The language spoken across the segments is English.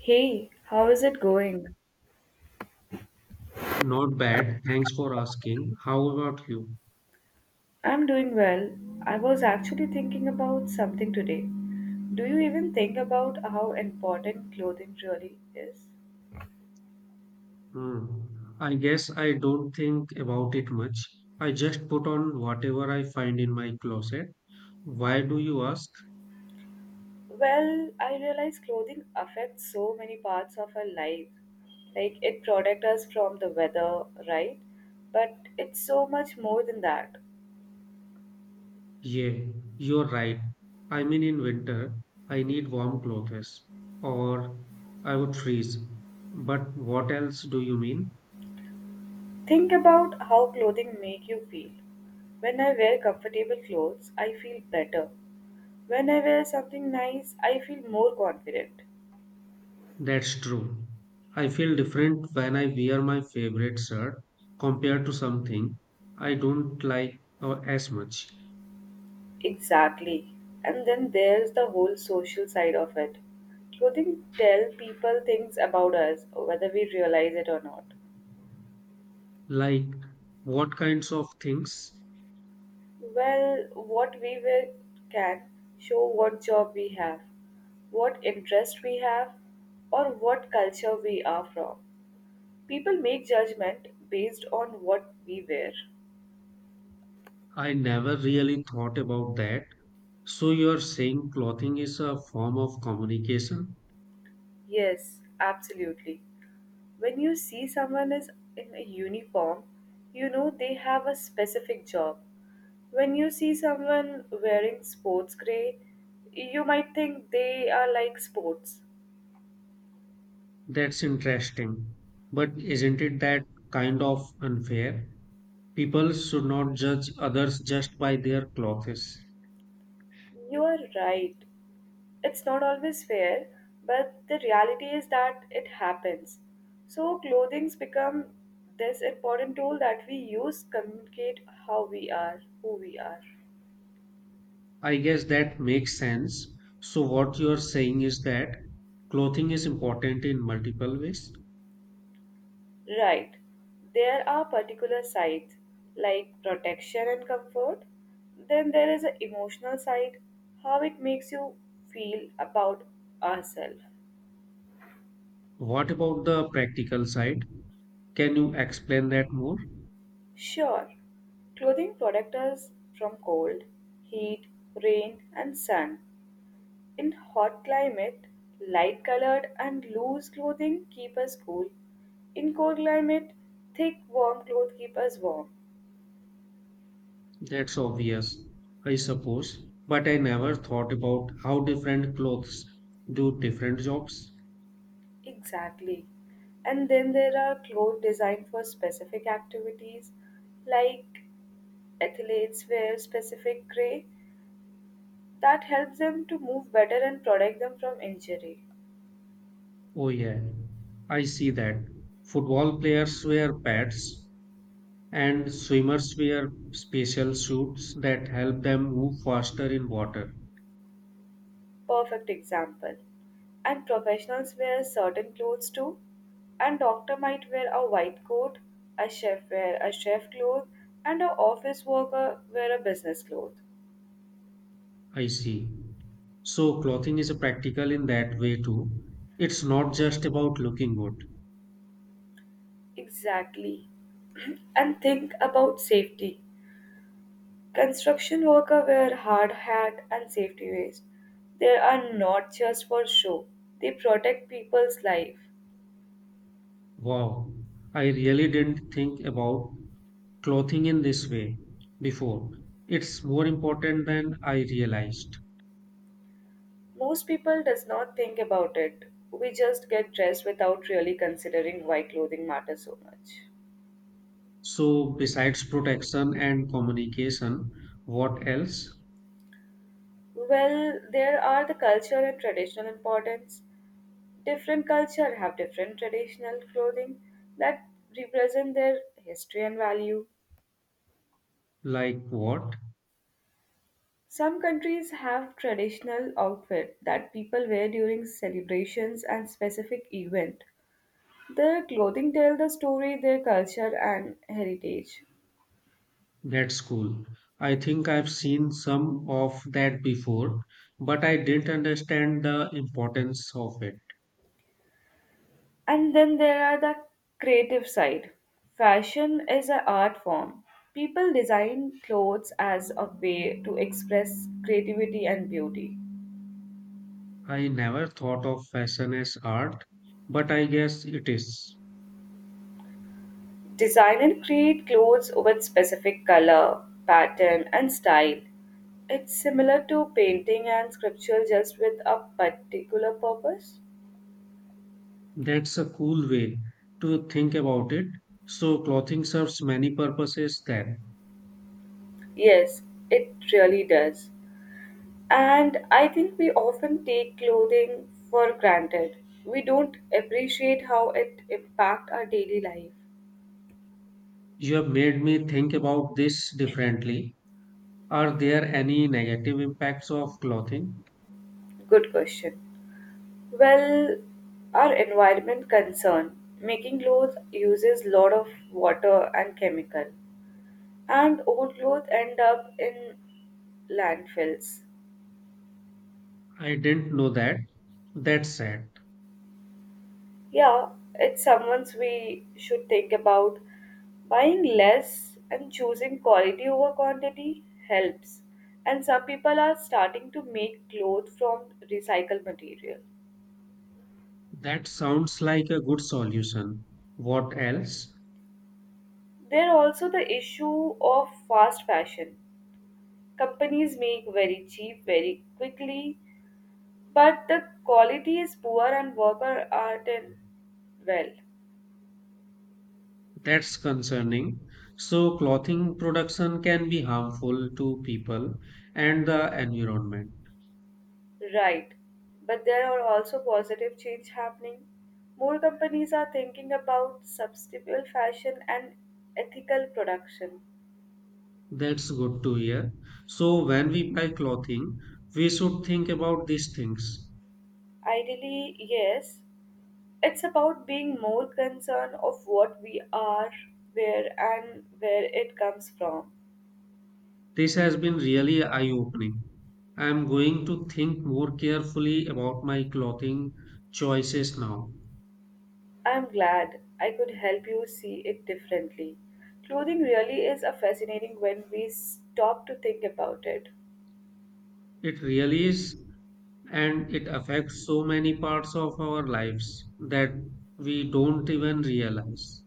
Hey, how is it going? Not bad. Thanks for asking. How about you? I'm doing well. I was actually thinking about something today. Do you even think about how important clothing really is? Hmm. I guess I don't think about it much. I just put on whatever I find in my closet. Why do you ask? Well, I realize clothing affects so many parts of our life. Like it protects us from the weather, right? But it's so much more than that. Yeah, you're right. In winter, I need warm clothes or I would freeze. But what else do you mean? Think about how clothing make you feel. When I wear comfortable clothes, I feel better. When I wear something nice, I feel more confident. That's true. I feel different when I wear my favorite shirt compared to something I don't like or as much. Exactly. And then there's the whole social side of it. Clothing tell people things about us, whether we realize it or not. Like what kinds of things? Well, what we wear can show what job we have, what interest we have, or what culture we are from. People make judgment based on what we wear. I never really thought about that. So you're saying clothing is a form of communication? Yes, absolutely. When you see someone is in a uniform, you know they have a specific job. When you see someone wearing sports gray, you might think they are like sports. That's interesting. But isn't it that kind of unfair? People should not judge others just by their clothes. You are right. It's not always fair, but the reality is that it happens. So clothing's become this important tool that we use to communicate how we are, who we are. I guess that makes sense. So what you're saying is that clothing is important in multiple ways. Right. There are particular sides like protection and comfort. Then there is an emotional side, how it makes you feel about ourselves. What about the practical side? Can you explain that more? Sure, clothing protect us from cold, heat, rain, and sun. In hot climate, light colored and loose clothing keep us cool. In cold climate, thick warm clothes keep us warm. That's obvious, I suppose. But I never thought about how different clothes do different jobs. Exactly. And then there are clothes designed for specific activities, like athletes wear specific gray that helps them to move better and protect them from injury. Oh, yeah, I see that. Football players wear pads, and swimmers wear special suits that help them move faster in water. Perfect example. And professionals wear certain clothes too. And doctor might wear a white coat, a chef wear a chef cloth, and a office worker wear a business cloth. I see. So, clothing is practical in that way too. It's not just about looking good. Exactly. And think about safety. Construction workers wear hard hat and safety vest. They are not just for show. They protect people's life. Wow, I really didn't think about clothing in this way before. It's more important than I realized. Most people does not think about it. We just get dressed without really considering why clothing matters so much. So, besides protection and communication, what else? Well, there are the culture and traditional importance. Different culture have different traditional clothing that represent their history and value. Like what? Some countries have traditional outfit that people wear during celebrations and specific event. Their clothing tell the story, their culture and heritage. That's cool. I think I've seen some of that before, but I didn't understand the importance of it. And then there are the creative side. Fashion is an art form. People design clothes as a way to express creativity and beauty. I never thought of fashion as art, but I guess it is. Design and create clothes with specific color, pattern, and style. It's similar to painting and sculpture just with a particular purpose. That's a cool way to think about it. So, clothing serves many purposes then. Yes, it really does. And I think we often take clothing for granted. We don't appreciate how it impacts our daily life. You have made me think about this differently. Are there any negative impacts of clothing? Good question. Well, our environment concern. Making clothes uses lot of water and chemical, and old clothes end up in landfills. I didn't know that. That's sad. Yeah, it's someone's we should think about. Buying less and choosing quality over quantity helps. And some people are starting to make clothes from recycled material. That sounds like a good solution. What else? There are also the issue of fast fashion. Companies make very cheap very quickly, but the quality is poor and workers aren't in well. That's concerning. So, clothing production can be harmful to people and the environment. Right. But there are also positive change happening. More companies are thinking about sustainable fashion and ethical production. That's good to hear. So, when we buy clothing, we should think about these things. Ideally, yes. It's about being more concerned of what we are, where and where it comes from. This has been really eye opening. I'm going to think more carefully about my clothing choices now. I'm glad I could help you see it differently. Clothing really is a fascinating when we stop to think about it. It really is, and it affects so many parts of our lives that we don't even realize.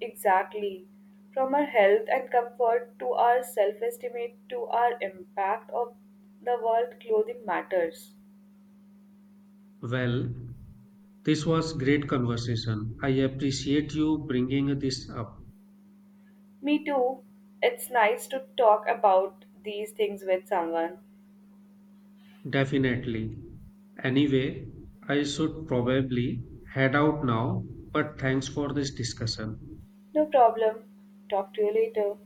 Exactly. From our health and comfort to our self estimate to our impact of the world, clothing matters. Well, this was great conversation. I appreciate you bringing this up. Me too. It's nice to talk about these things with someone. Definitely. Anyway, I should probably head out now, but thanks for this discussion. No problem. Talk to you later.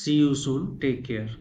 See you soon. Take care.